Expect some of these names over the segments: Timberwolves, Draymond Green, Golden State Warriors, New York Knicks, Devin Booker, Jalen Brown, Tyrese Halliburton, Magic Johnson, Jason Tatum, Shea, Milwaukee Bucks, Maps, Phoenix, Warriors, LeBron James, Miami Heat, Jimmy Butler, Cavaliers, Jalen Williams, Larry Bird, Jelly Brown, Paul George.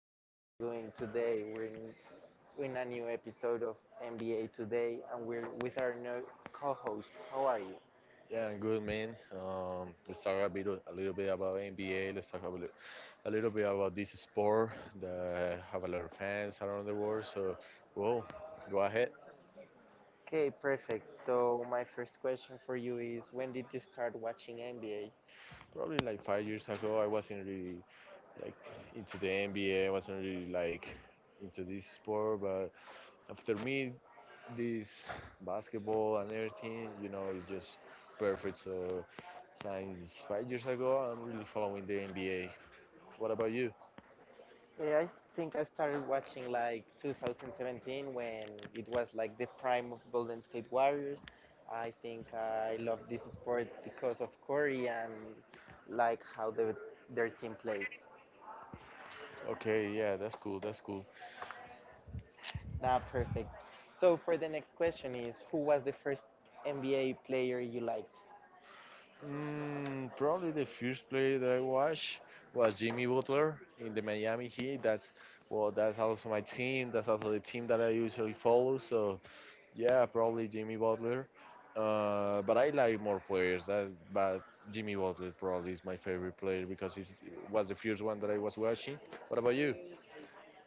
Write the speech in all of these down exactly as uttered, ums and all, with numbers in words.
everyone doing today? We're in, in a new episode of N B A Today, and we're with our new co-host. How are you? Yeah, I'm good, man. Um, let's talk a bit, a little bit about N B A. Let's talk a little, a little bit about this sport that have a lot of fans around the world. So, well, go ahead. Okay, perfect. So my first question for you is, when did you start watching N B A? Probably like five years ago, I wasn't really like into the N B A. I wasn't really like into this sport, but after me, this basketball and everything, you know, is just perfect. So, since five years ago, I'm really following the N B A. What about you? Yeah, I think I started watching like twenty seventeen when it was like the prime of Golden State Warriors. I think I love this sport because of Curry and like how the, their team played. Okay, yeah, that's cool. That's cool. Ah, perfect. So for the next question is, who was the first N B A player you liked? Mm, probably the first player that I watched was Jimmy Butler in the Miami Heat. That's well, that's also my team. That's also the team that I usually follow. So yeah, probably Jimmy Butler. Uh, but I like more players. That but Jimmy Butler probably is my favorite player because he was the first one that I was watching. What about you?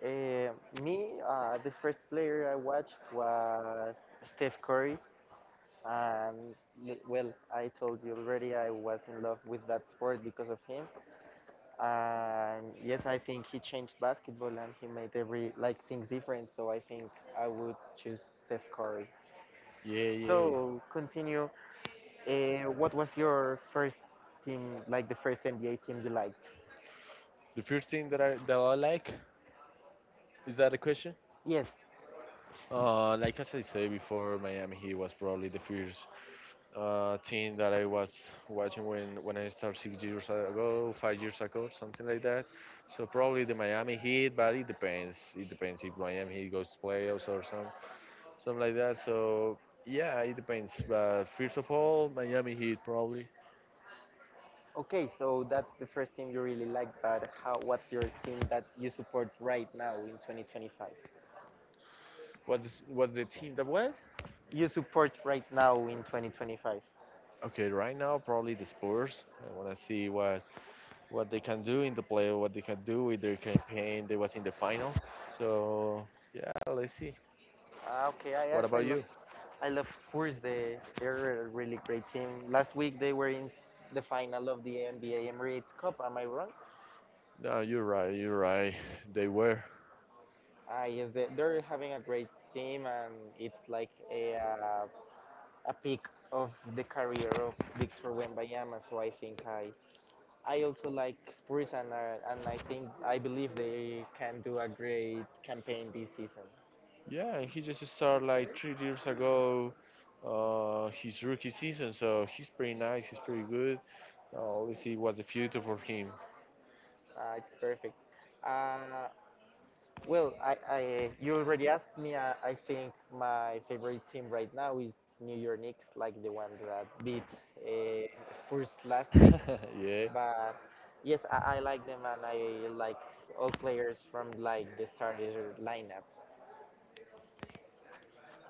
Uh, me, uh, the first player I watched was Steph Curry, and li- well, I told you already I was in love with that sport because of him. And yes, I think he changed basketball and he made every like things different. So I think I would choose Steph Curry. Yeah, yeah. So continue. Uh, what was your first team, like the first N B A team you liked? The first thing that I that I like, is that a question? Yes. Uh, like, as I said before, Miami Heat was probably the first uh, thing that I was watching when, when, I started six years ago, five years ago, something like that. So probably the Miami Heat, but it depends. It depends if Miami Heat goes to playoffs or some something like that. So yeah, it depends. But first of all, Miami Heat probably. Okay, so that's the first team you really like, but how? What's your team that you support right now in twenty twenty-five? What's what's the team that was? You support right now in twenty twenty-five. Okay, right now probably the Spurs. I want to see what what they can do in the playoff, what they can do with their campaign. They was in the final. So yeah, let's see. Ah, okay, I What yes, I about love you? I love Spurs. They they're a really great team. Last week they were in the final of the N B A Emirates Cup. Am I wrong? No, you're right. You're right. They were. Ah, yes, they, they're having a great team, and it's like a uh, a peak of the career of Victor Wembanyama. So I think I I also like Spurs and I, and I think I believe they can do a great campaign this season. Yeah, he just started like three years ago, uh, his rookie season. So he's pretty nice. He's pretty good. Uh, let's see what's the future for him. Uh, it's perfect. Uh, well, I, I you already asked me. Uh, I think my favorite team right now is New York Knicks, like the one that beat uh, Spurs last week. Yeah, But yes, I, I like them and I like all players from like the starter lineup.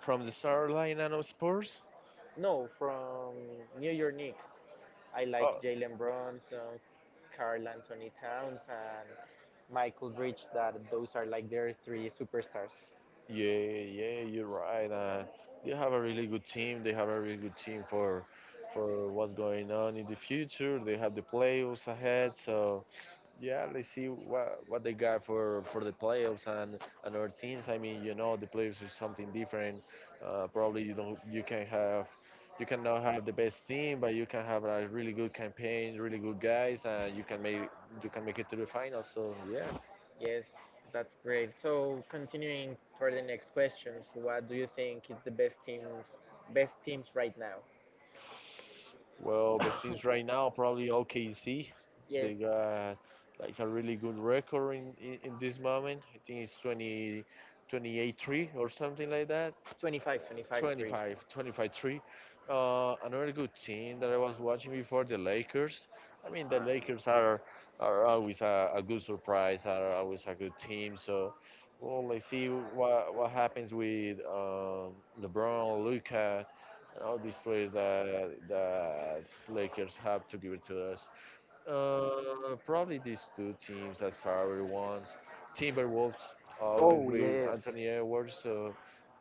from the South Carolina of Spurs. No, from New York Knicks. I like Jalen Brunson, Carl Anthony Towns, and Michael Bridge. That those are like their three superstars. Yeah, yeah, you're right. Uh, they have a really good team. They have a really good team for for what's going on in the future. They have the playoffs ahead, so yeah, let's see what what they got for for the playoffs and and our teams. I mean, you know, the playoffs is something different. Uh, probably you don't you can have you cannot have the best team, but you can have a really good campaign, really good guys, and you can make you can make it to the finals. So yeah. Yes, that's great. So continuing for the next questions, what do you think is the best teams, best teams right now? Well, but since right now, probably O K C, Yes, they got like a really good record in, in, in this moment. I think it's twenty, twenty-eight three or something like that. twenty-five, twenty-five, three. twenty-five, twenty-five three. Uh, another good team that I was watching before, the Lakers. I mean, the Lakers are are always a, a good surprise, are always a good team. So, well, let's see what what happens with um, LeBron, Luca, and all these players that the Lakers have to give it to us. Uh, probably these two teams as priority ones. Timberwolves always Oh with yes, Anthony Edwards. So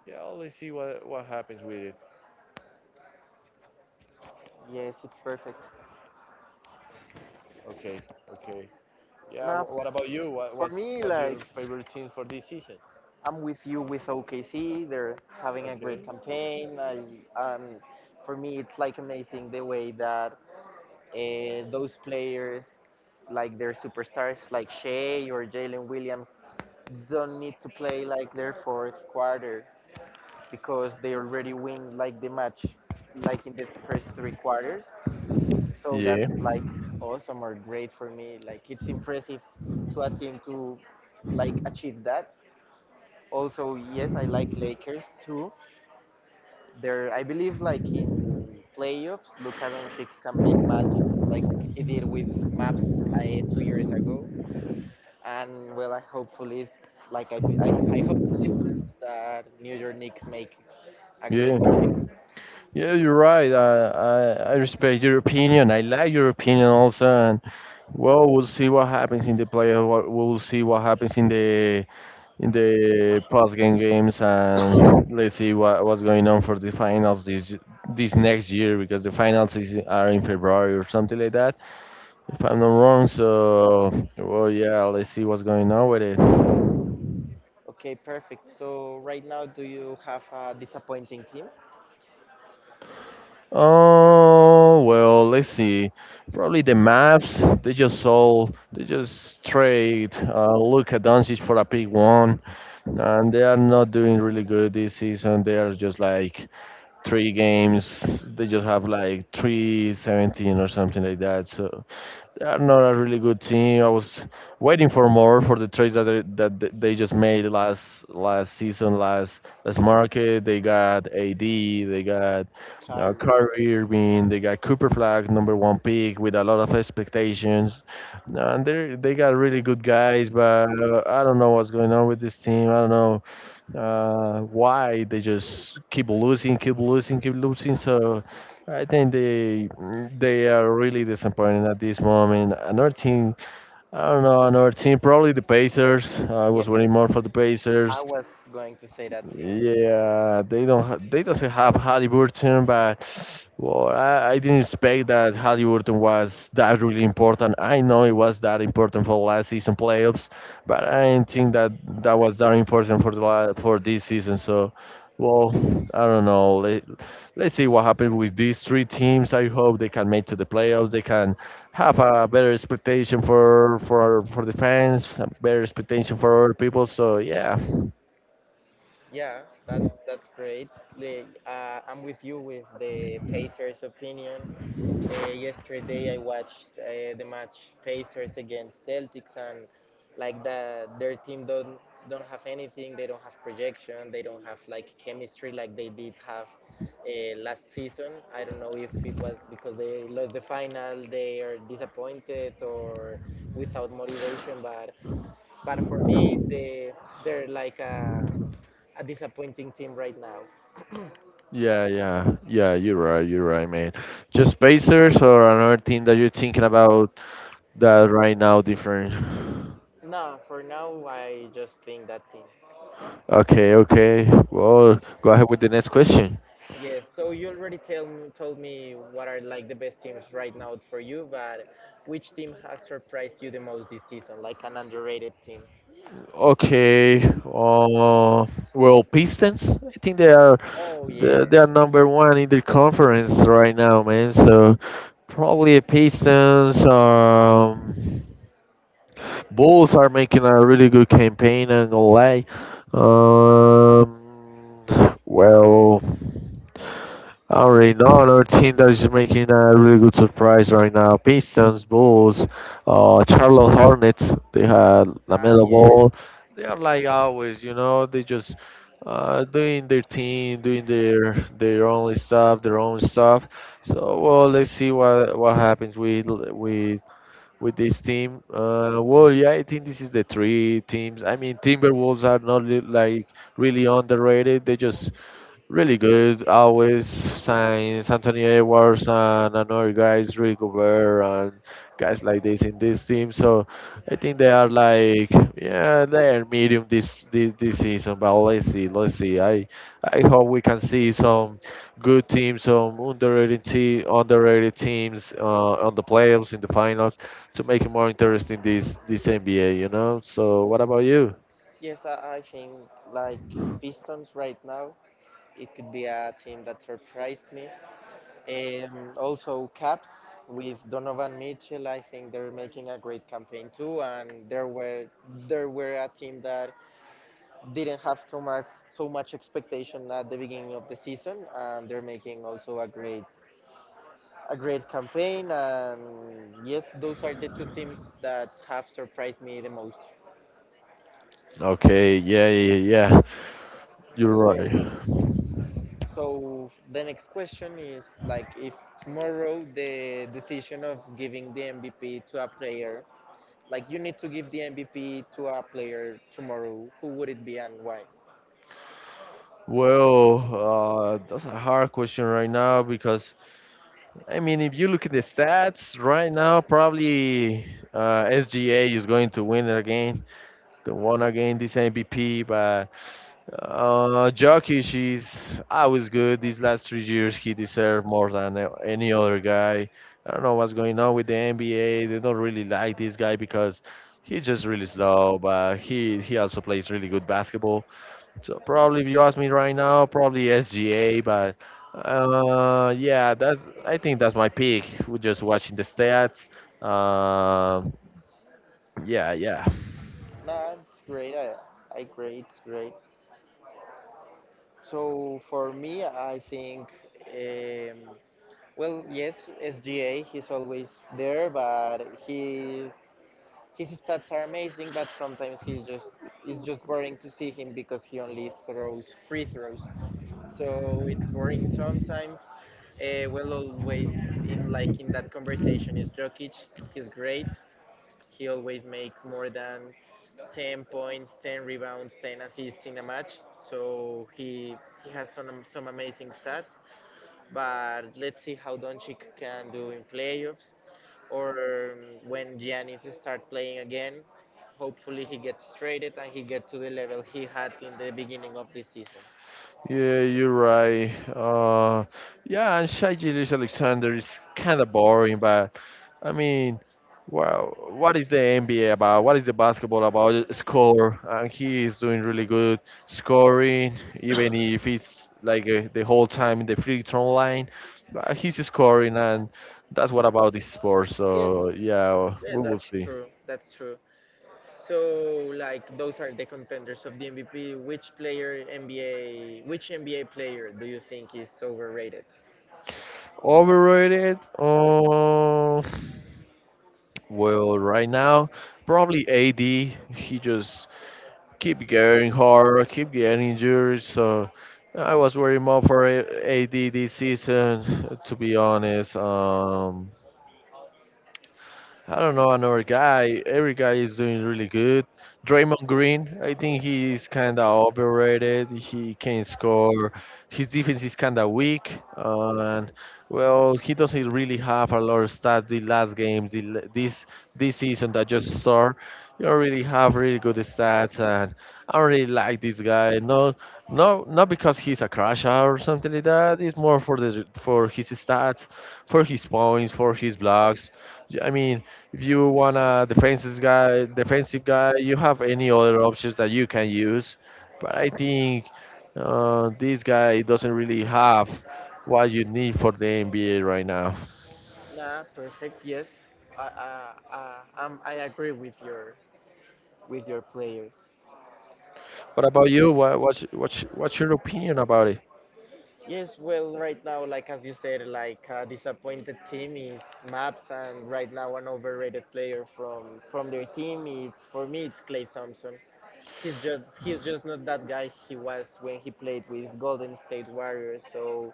yeah, let's see what what happens with it. yes, it's perfect. Okay, okay. Yeah. Now, wh- What f- about you? What, for what's me, what's like your favorite team for this season? I'm with you with O K C. They're having a great Okay. campaign. I, um, for me, it's like amazing the way that uh, those players, like their superstars, like Shea or Jalen Williams, don't need to play like their fourth quarter because they already win like the match, like in the first three quarters. So Yeah, that's like awesome or great for me. Like it's impressive to a team to like achieve that also, yes, I like Lakers too. There, I believe, like in playoffs, Luka Doncic can make magic, like he did with Maps uh, two years ago. And well, I hopefully, like I, be- I, I hope that New York Knicks make a great yeah, campaign. Too. yeah. You're right. I, I, I respect your opinion. I like your opinion also. And well, we'll see what happens in the playoff. What- We'll see what happens in the in the post game games, and let's see what, what's going on for the finals this this next year, because the finals is, are in February or something like that, if I'm not wrong. So well, yeah, let's see what's going on with it. Okay, perfect. So right now, do you have a disappointing team? Oh well, let's see, probably the Maps. They just sold, they just trade uh, look at Doncic for a pick one, and they are not doing really good this season. They are just like three games. They just have like three seventeen or something like that. So they are not a really good team. I was waiting for more for the trades that they, that th- they just made last last season, last last market. They got A D, they got uh, Kyrie. Kyrie Irving, they got Cooper Flag, number one pick with a lot of expectations, and they they got really good guys. But uh, I don't know what's going on with this team. I don't know uh, why they just keep losing, keep losing, keep losing. So I think they they are really disappointed at this moment. Another team, I don't know, another team, probably the Pacers. I Yeah, was waiting more for the I Pacers. was going to say that team. Yeah, they don't. Ha- they doesn't have Halliburton, but well, I, I didn't expect that Halliburton was that really important. I know it was that important for last season playoffs, but I didn't think that that was that important for the la- for this season. So, well, I don't know. Let, let's see what happens with these three teams. I hope they can make to the playoffs. They can have a better expectation for for for the fans, a better expectation for other people. So yeah. Yeah, that's that's great. Like, uh, I'm with you with the Pacers' opinion. Uh, yesterday I watched uh, the match Pacers against Celtics and like the their team don't don't have anything. They don't have projection. They don't have like chemistry like they did have uh, last season. I don't know if it was because they lost the final, they are disappointed or without motivation. But but for me, they they're like a a disappointing team right now. Yeah, yeah, yeah. You're right. You're right, man. Just Pacers or another team that you're thinking about that right now different. No, for now I just think that team. Okay, okay. Well, go ahead with the next question. Yes, so you already tell, m- told me what are like the best teams right now for you, but which team has surprised you the most this season, like an underrated team? Okay. Uh, well, Pistons. I think they are Oh they yes, they are number one in the conference right now, man. So probably Pistons. Um, Bulls are making a really good campaign and L A. Um, well, I already know another team that is making a really good surprise right now. Pistons, Bulls, uh, Charlotte Hornets. They had ah Lamelo yes, Ball. They are like always, you know. They just uh, doing their thing, doing their their own stuff, their own stuff. So well, let's see what what happens with with with this team. Uh, well, yeah, I think this is the three teams. I mean, Timberwolves are not li- like really underrated. They just really good, always signs Anthony Edwards and another guys, Rudy Gobert, and guys like this in this team. So I think they are like, yeah, they are medium this this, this season. But let's see, let's see. I I hope we can see some good teams, some underrated te- underrated teams uh, on the playoffs in the finals to make it more interesting this this N B A. You know. So what about you? yes. I, I think like Pistons right now, it could be a team that surprised me. Um, also Caps with Donovan Mitchell, I think they're making a great campaign too, and there were there were a team that didn't have so much so much expectation at the beginning of the season, and they're making also a great a great campaign. And yes, those are the two teams that have surprised me the most. Okay, yeah, yeah, yeah. You're right. So so the next question is like if tomorrow the decision of giving the M V P to a player, like you need to give the M V P to a player tomorrow, who would it be and why? Well, uh, that's a hard question right now because I mean, if you look at the stats right now, probably uh, S G A is going to win it again, the one again this M V P. But uh, Jokic is always good. These last three years, he deserved more than a- any other guy. I don't know what's going on with the N B A. They don't really like this guy because he's just really slow, but he he also plays really good basketball. So probably if you ask me right now, probably S G A, but uh, yeah, that's I think that's my pick. We're just watching the stats. Uh, yeah, yeah. Nah, it's great. I, I great, it's great. So for me, I think, um, well, yes, S G A, he's always there, but his his stats are amazing. But sometimes he's just it's just boring to see him because he only throws free throws. So it's boring sometimes. Uh, well, always in like in that conversation is Jokic. He's great. He always makes more than ten points, ten rebounds, ten assists in a match. So he he has some some amazing stats. But let's see how Doncic can do in playoffs, or um, when Giannis start playing again. Hopefully he gets traded and he get to the level he had in the beginning of the season. Yeah, you're right. Uh, yeah, and Shai Gilgeous Alexander is kind of boring, but I mean, wow, what is the N B A about? What is the basketball about? Just score, and he is doing really good scoring, even if it's like uh, the whole time in the free throw line. But he's scoring, and that's what about this sport. Yes, So yeah, we yes, will that's see. true. That's true. So, like, those are the contenders of the M V P. Which player N B A, which N B A player do you think is overrated? Overrated? Uh, Well, right now, probably A D. He just keep getting hard, keep getting injured. So I was worried more for A- AD this season, to be honest. Um, I don't know another guy. Every guy is doing really good. Draymond Green, I think he's kind of overrated. He can't score. His defense is kind of weak, uh, and well, he doesn't really have a lot of stats. The last games, the, l- this this season that just started, you don't really have really good stats, and I don't really like this guy. No, no, not because he's a crasher or something like that. It's more for the for his stats, for his points, for his blocks. Yeah, I mean, if you want a defensive guy, defensive guy, you have any other options that you can use. But I think uh, this guy doesn't really have what you need for the N B A right now. Nah, perfect. Yes, I, I, I, um, I agree with your with your players. What about you? What, what's, what's, what's your opinion about it? Yes, well, right now, like as you said, like a disappointed team is Maps, and right now an overrated player from from their team is for me it's Clay Thompson. He's just he's just not that guy he was when he played with Golden State Warriors. So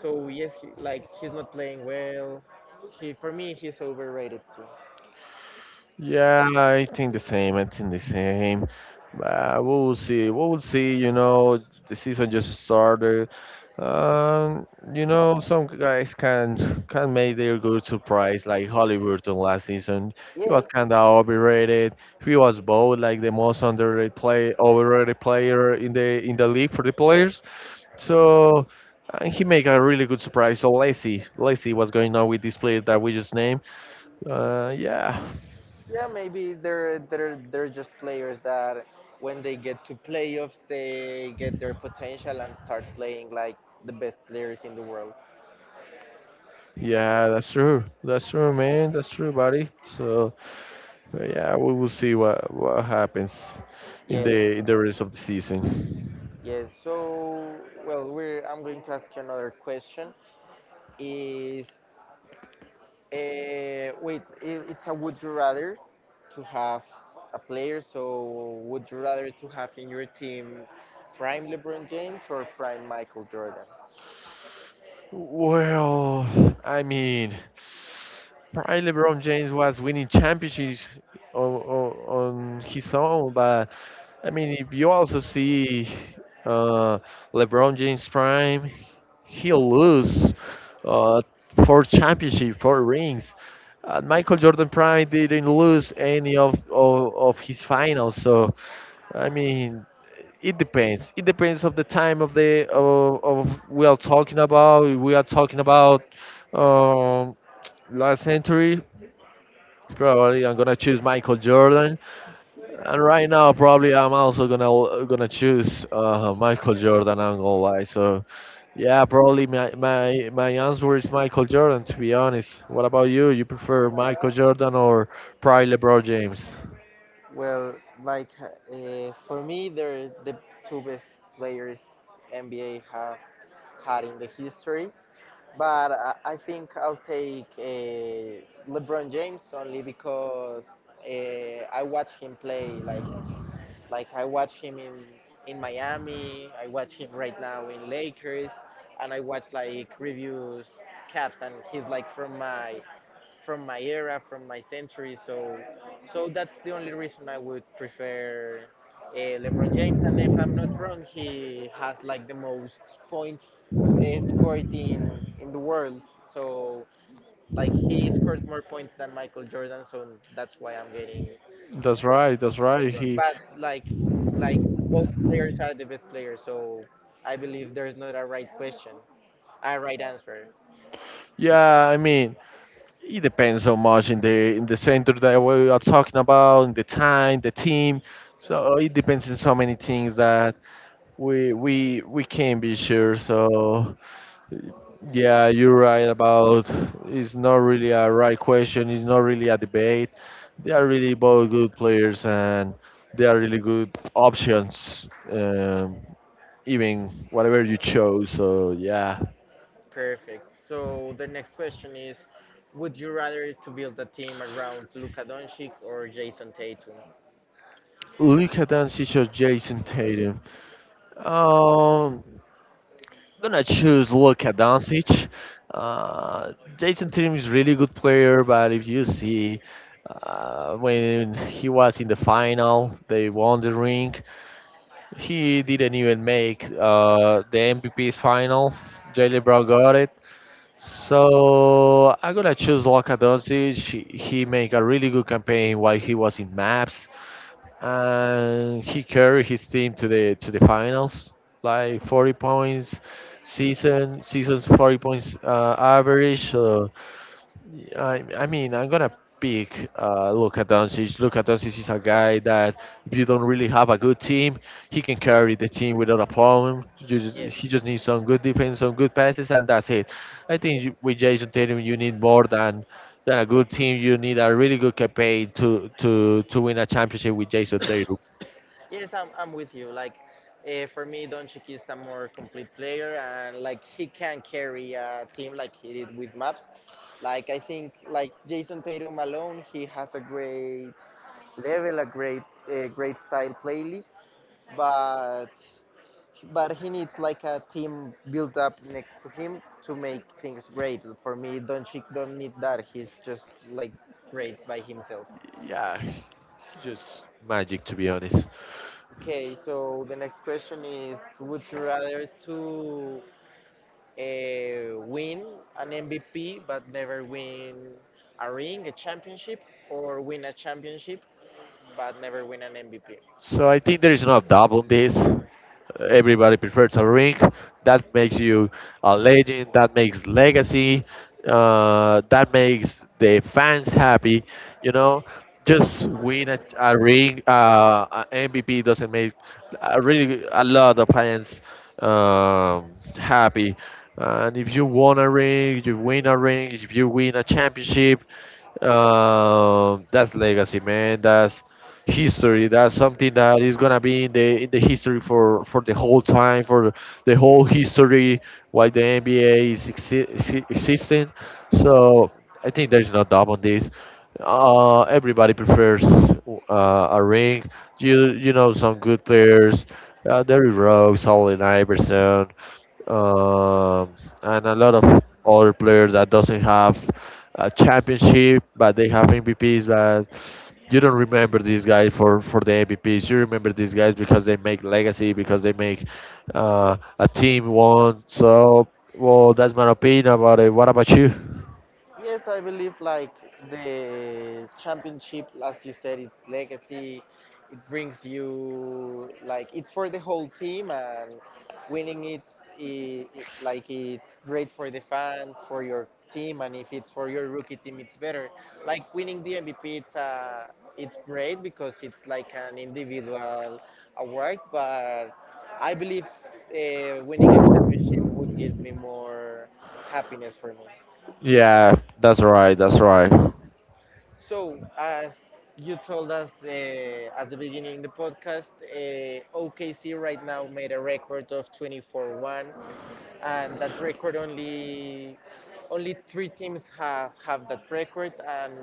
so yes, he, like he's not playing well. He For me he's overrated too. Yeah, I think the same. I think the same. Uh, we will see. We will see. You know, the season just started. Um, you know, some guys can can make their good surprise, like Halliburton last season. He was Yes. kind of overrated. He was both like the most underrated play, overrated player in the in the league for the players. So uh, he make a really good surprise. So let's see, let's see what's going on with this player that we just named. Uh, yeah. Yeah, maybe they're they're they're just players that when they get to playoffs, they get their potential and start playing like the best players in the world. Yeah, that's true. That's true, man. That's true, buddy. So, uh, yeah, we will see what what happens in Yes, the in the rest of the season. yes. So, well, we're I'm going to ask you another question. Is uh, wait, I It's a would you rather to have a player? So, would you rather to have in your team prime LeBron James or prime Michael Jordan? Well, I mean, probably LeBron James was winning championships on, on, on his own, but I mean, if you also see uh, LeBron James prime, he'll lose uh, four championships, four rings. Uh, Michael Jordan prime didn't lose any of, of, of his finals. So I mean, it depends it depends of the time of the of, of we are talking about we are talking about um, Last century, probably I'm gonna choose Michael Jordan, and right now probably I'm also gonna gonna choose uh, Michael Jordan. I'm gonna lie, so yeah, probably my, my my answer is Michael Jordan, to be honest. What about you? You prefer Michael Jordan or probably LeBron James? Well, like uh, for me, they're the two best players N B A have had in the history. But I, I think I'll take uh, LeBron James only because uh, I watched him play like like I watch him in in Miami, I watch him right now in Lakers, and I watch like reviews caps, and he's like from my from my era, from my century. So so that's the only reason I would prefer uh, LeBron James. And if I'm not wrong, he has like the most points uh, scored in in the world. So like he scored more points than Michael Jordan. So that's why I'm getting That's right, that's right, LeBron. he... But like like both players are the best players, so I believe there's not a right question, a right answer. Yeah, I mean, it depends so much in the in the center that we are talking about, in the time, the team. So it depends on so many things that we we we can't be sure. So yeah, you're right about it's not really a right question. It's not really a debate. They are really both good players, and they are really good options. Um, Even whatever you chose. So yeah, Perfect. So the next question is, would you rather to build a team around Luka Doncic or Jason Tatum? look at Doncic or Jason Tatum. Um, Gonna choose Luka Doncic. Uh, Jason Tatum is really good player, but if you see uh, when he was in the final, they won the ring. He didn't even make uh, the M V P's final. Jalen Brown got it. So I'm gonna choose Luka Doncic. He, he made a really good campaign while he was in Maps, and he carried his team to the to the finals, like forty points season season's forty points uh, average. So I I mean I'm gonna pick uh, Luka Doncic. Luka Doncic is a guy that if you don't really have a good team, he can carry the team without a problem. You just, Yes. He just needs some good defense, some good passes, and that's it. I think you- with Jason Tatum you need more than than a good team. You need a really good campaign to to to win a championship with Jason Tatum. Yes, I'm, I'm with you. Like, uh, for me, Doncic is a more complete player, and like he can carry a team like he did with Maps. Like I think, like Jason Tatum alone, he has a great level a great a great style playlist, but but he needs like a team built up next to him to make things great. For me Doncic don't need that. He's just like great by himself. Yeah, just magic to be honest. Okay, so the next question is, would you rather to uh, win an M V P but never win a ring a championship, or win a championship but never win an M V P? So I think there is no doubt on this. Everybody prefers a ring. That makes you a legend. That makes legacy. Uh, that makes the fans happy. You know, just win a, a ring. Uh, a M V P doesn't make uh, really a lot of fans um, happy. And if you won a ring, you win a ring. If you win a championship, um, that's legacy, man. That's history. That's something that is gonna be in the in the history for for the whole time, for the whole history why the N B A is exi- exi- existing. So I think there's no doubt on this. Uh, everybody prefers uh, a ring. You you know some good players, uh, Derrick Rose, Allen Iverson. Um and a lot of other players that doesn't have a championship, but they have M V Ps. But you don't remember these guys for for the M V Ps. You remember these guys because they make legacy, because they make uh, a team won. So, well, that's my opinion about it. What about you? Yes, I believe like the championship, as you said, it's legacy. It brings you like it's for the whole team, and winning it's I it, like it's great for the fans, for your team, and if it's for your rookie team, it's better. Like winning the M V P, it's uh, it's great because it's like an individual award, but I believe uh, winning a championship would give me more happiness for me. Yeah, that's right. That's right. So, as you told us uh, at the beginning of the podcast, uh, O K C right now made a record of twenty-four one, and that record only only three teams have have that record, and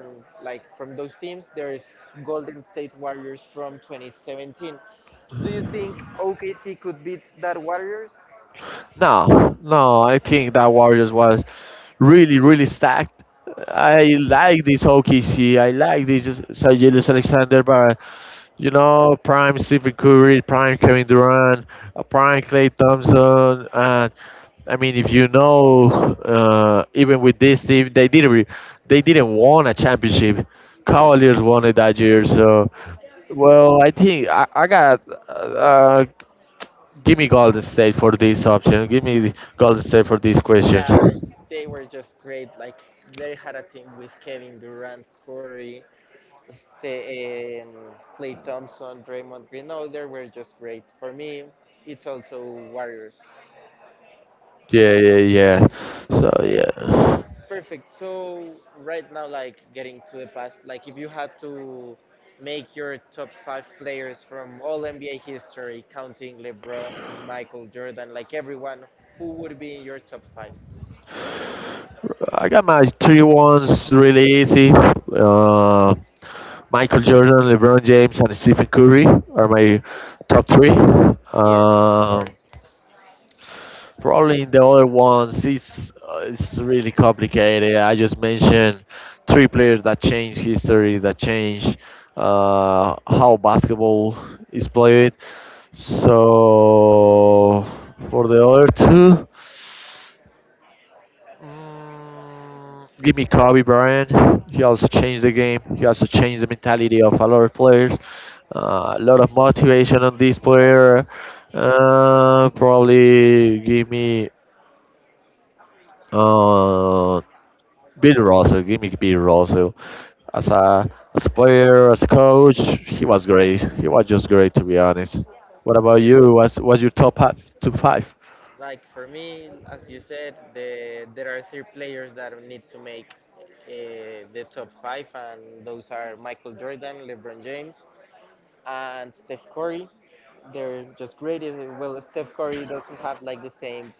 like from those teams, there is Golden State Warriors from twenty seventeen. Do you think O K C could beat that Warriors? No, no, I think that Warriors was really, really stacked. I like this O K C. I like this Sajelis Alexander, but you know, prime Stephen Curry, prime Kevin Durant, uh, prime Clay Thompson. And I mean, if you know, uh, even with this team, they didn't re- they didn't won a championship. Cavaliers won it that year, so well, I think I, I got uh, uh, give me Golden State for this option. Give me the Golden State for these questions. Yeah, they were just great. Like they had a team with Kevin Durant, Curry, St- um, Clay Thompson, Draymond Green. No, they were just great. For me, it's also Warriors. Yeah, yeah, yeah. So Okay, s- yeah, Perfect. So right now, like getting to the past, like if you had to make your top five players from all N B A history, counting LeBron, Michael Jordan, like everyone, who would be in your top five? I got my three ones really easy. Uh, Michael Jordan, LeBron James, and Stephen Curry are my top three. Yes, of Um, course. Probably in the other ones, it's uh, it's really complicated. I just mentioned three players that change history, that change uh, how basketball is played. So for the other two, mm, give me Kobe Bryant. He also changed the game. He also changed the mentality of a lot of players. Uh, a lot of motivation on this player. Uh, probably give me uh, Bill Russell, give me Bill Russell. As a as a player, as a coach, he was great. He was just great, to be honest. What about you? What's what's your top five? Top five? Like for me, as you said, the, there are three players that need to make uh, the top five, and those are Michael Jordan, LeBron James, and Steph Curry. They're just great. Uh, Well, Steph Curry doesn't have like the same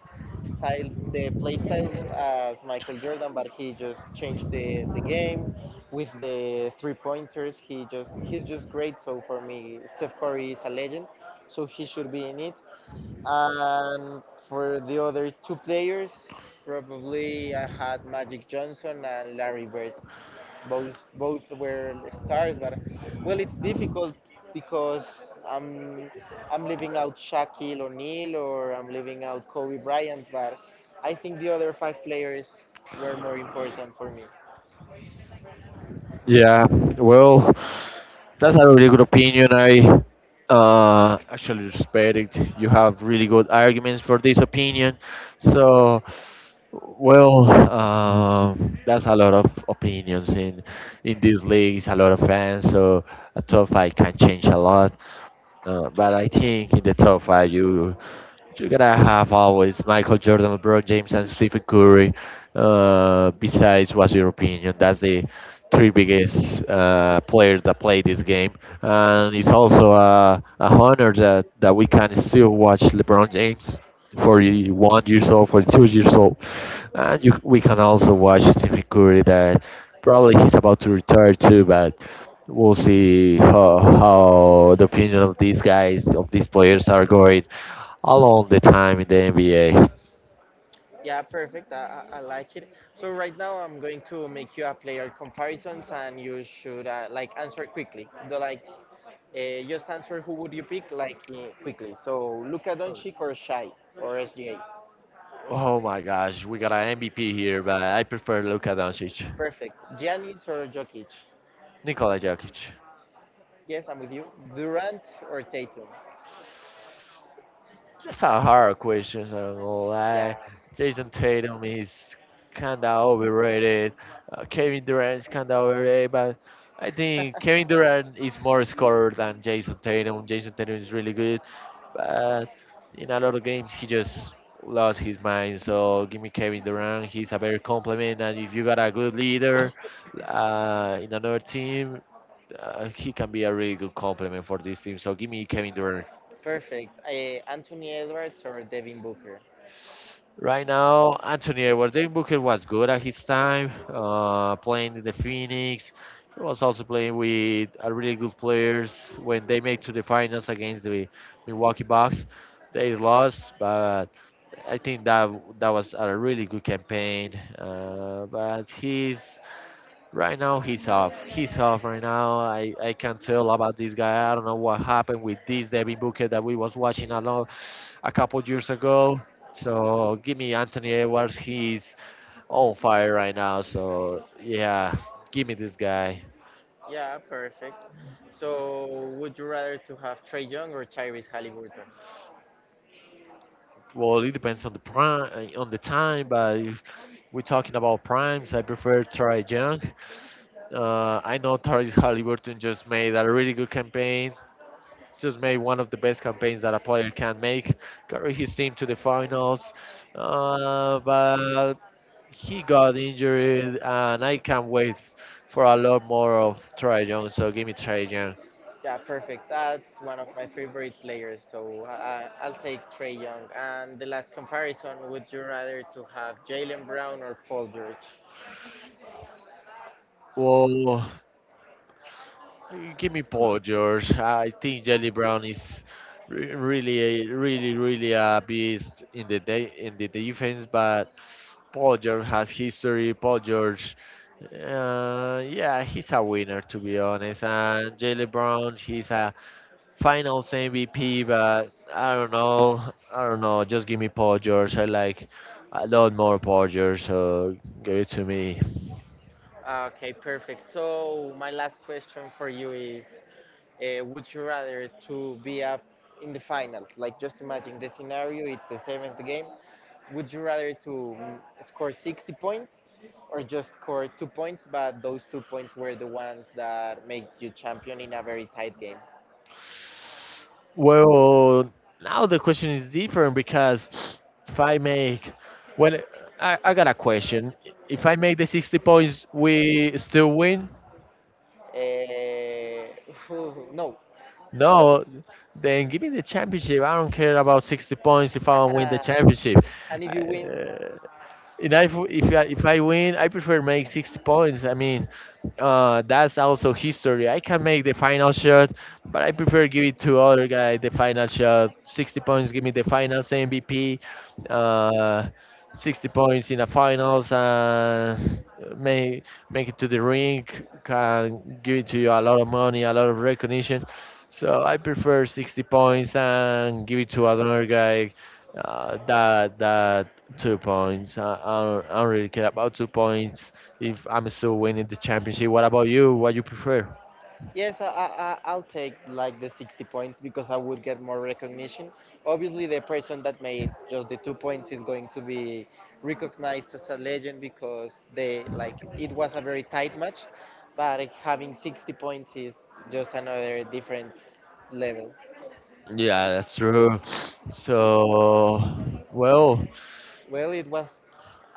style, the play style as Michael Jordan, but he just changed the, the game with the three pointers. He just he's just great. So for me, Steph Curry is a legend. So he should be in it. And for the other two players, probably I had Magic Johnson and Larry Bird. Both both were stars, but well, it's difficult because I'm I'm leaving out Shaquille O'Neal or I'm leaving out Kobe Bryant, but I think the other five players were more important for me. Yeah, well, that's a really good opinion. I uh, actually respect it. You have really good arguments for this opinion. So, well, um that's a lot of opinions in in these leagues. A lot of fans. So a top five can change a lot. Uh, but I think in the top five, you you're gonna have always Michael Jordan, LeBron James, and Stephen Curry. Uh, besides, what's your opinion? That's the three biggest uh, players that play this game, and it's also a, a honor that, that we can still watch LeBron James, forty-one years old, forty-two years old. And you, we can also watch Stephen Curry, that probably he's about to retire too. But we'll see how, how the opinion of these guys of these players are going all the time in the N B A. Yeah, perfect. I, I I like it. So right now I'm going to make you a player comparisons, and you should uh, like answer quickly. The, like, uh, just answer who would you pick like uh, quickly. So Luka Doncic or Shai or S G A. Oh my gosh, we got an M V P here, but I prefer Luka Doncic, Perfect. Giannis or Jokic. Nikola Jokic. Yes, I'm with you. Durant or Tatum. That's a hard question. I'm not gonna Yeah, lie. Jason Tatum is kind of overrated. Uh, Kevin Durant is kind of overrated, but I think Kevin Durant is more scorer than Jason Tatum. Jason Tatum is really good, but in a lot of games he just lost his mind. So give me Kevin Durant. He's a better complement, and if you got a good leader uh, in another team, uh, he can be a really good complement for this team. So give me Kevin Durant. perfect. Uh, Anthony Edwards or Devin Booker. Right now, Anthony Edwards. Devin Booker was good at his time, uh, playing in the Phoenix. He was also playing with a really good players when they made to the finals against the Milwaukee Bucks. They lost, but I think that that was a really good campaign. Uh, but he's Right now he's off. He's off right now. I, I can't tell about this guy. I don't know what happened with this Devin Booker that we was watching a lot a couple years ago. So give me Anthony Edwards. He's on fire right now. So yeah, give me this guy. Yeah, perfect. So would you rather to have Trey Young or Tyrese Halliburton? Well, it depends on the prime, on the time. But if we're talking about primes, I prefer Trey Young. Uh, I know Tyrese Halliburton just made a really good campaign, just made one of the best campaigns that a player can make, carry his team to the finals. Uh, but he got injured, and I can't wait for a lot more of Trae Young. So give me Trae Young. Yeah, perfect. That's one of my favorite players, so I, I'll take Trey Young. And the last comparison, would you rather to have Jalen Brown or Paul George? Well, give me Paul George. I think Jelly Brown is re- really, really, really a beast in the day in the defense, but Paul George has history. Paul George... Uh, yeah, he's a winner, to be honest. And Jalen Brown, he's a Finals M V P, but I don't know. I don't know. Just give me Paul George. I like a lot more Paul George, so give it to me. Ah, okay, perfect. So my last question for you is, uh, would you rather to be up in the finals? Like just imagine the scenario, it's the seventh game. Would you rather to mm, score sixty points or just score two points, but those two points were the ones that make you champion in a very tight game? Well, now the question is different because if I make, well, I, I got a question. If I make the sixty points, we still win? Eh, no. No, then give me the championship. I don't care about sixty points if I don't win the Uh, championship. and if you win, Uh, and if if I, if I win, I prefer make sixty points. I mean, uh, that's also history. I can make the final shot, but I prefer give it to other guy the final shot. sixty points, give me the finals M V P. Uh, sixty points in the finals and make make it to the ring can give it to you a lot of money, a lot of recognition. So I prefer sixty points and give it to another guy uh, that that two points. I, I, don't, I don't really care about two points if I'm still winning the championship. What about you? What you prefer? yes, I, I, I- I'll take like the sixty points because I would get more recognition. Obviously, the person that made just the two points is going to be recognized as a legend because they like it was a very tight match, but having sixty points is just another different level. Yeah, that's true. So, well. Well, it was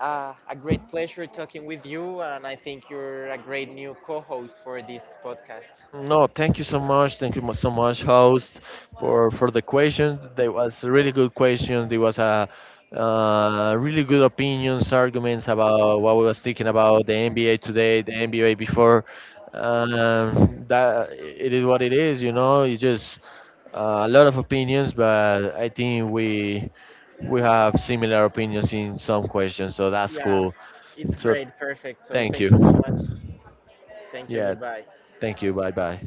uh, a great pleasure talking with you, and I think you're a great new co host for this podcast. No, thank you so much. Thank you mu- so much, host, for for the question. They was a really good question. There was a uh, really good opinions, arguments about what we was thinking about the N B A today, the N B A before. Um, that it is what it is, you know. It's just uh, a lot of opinions, but I think we we have similar opinions in some questions, so that's Yeah, cool. it's So great. Perfect. So thank you. thank you so much. Thank you. Yeah, Goodbye. thank you. Bye bye.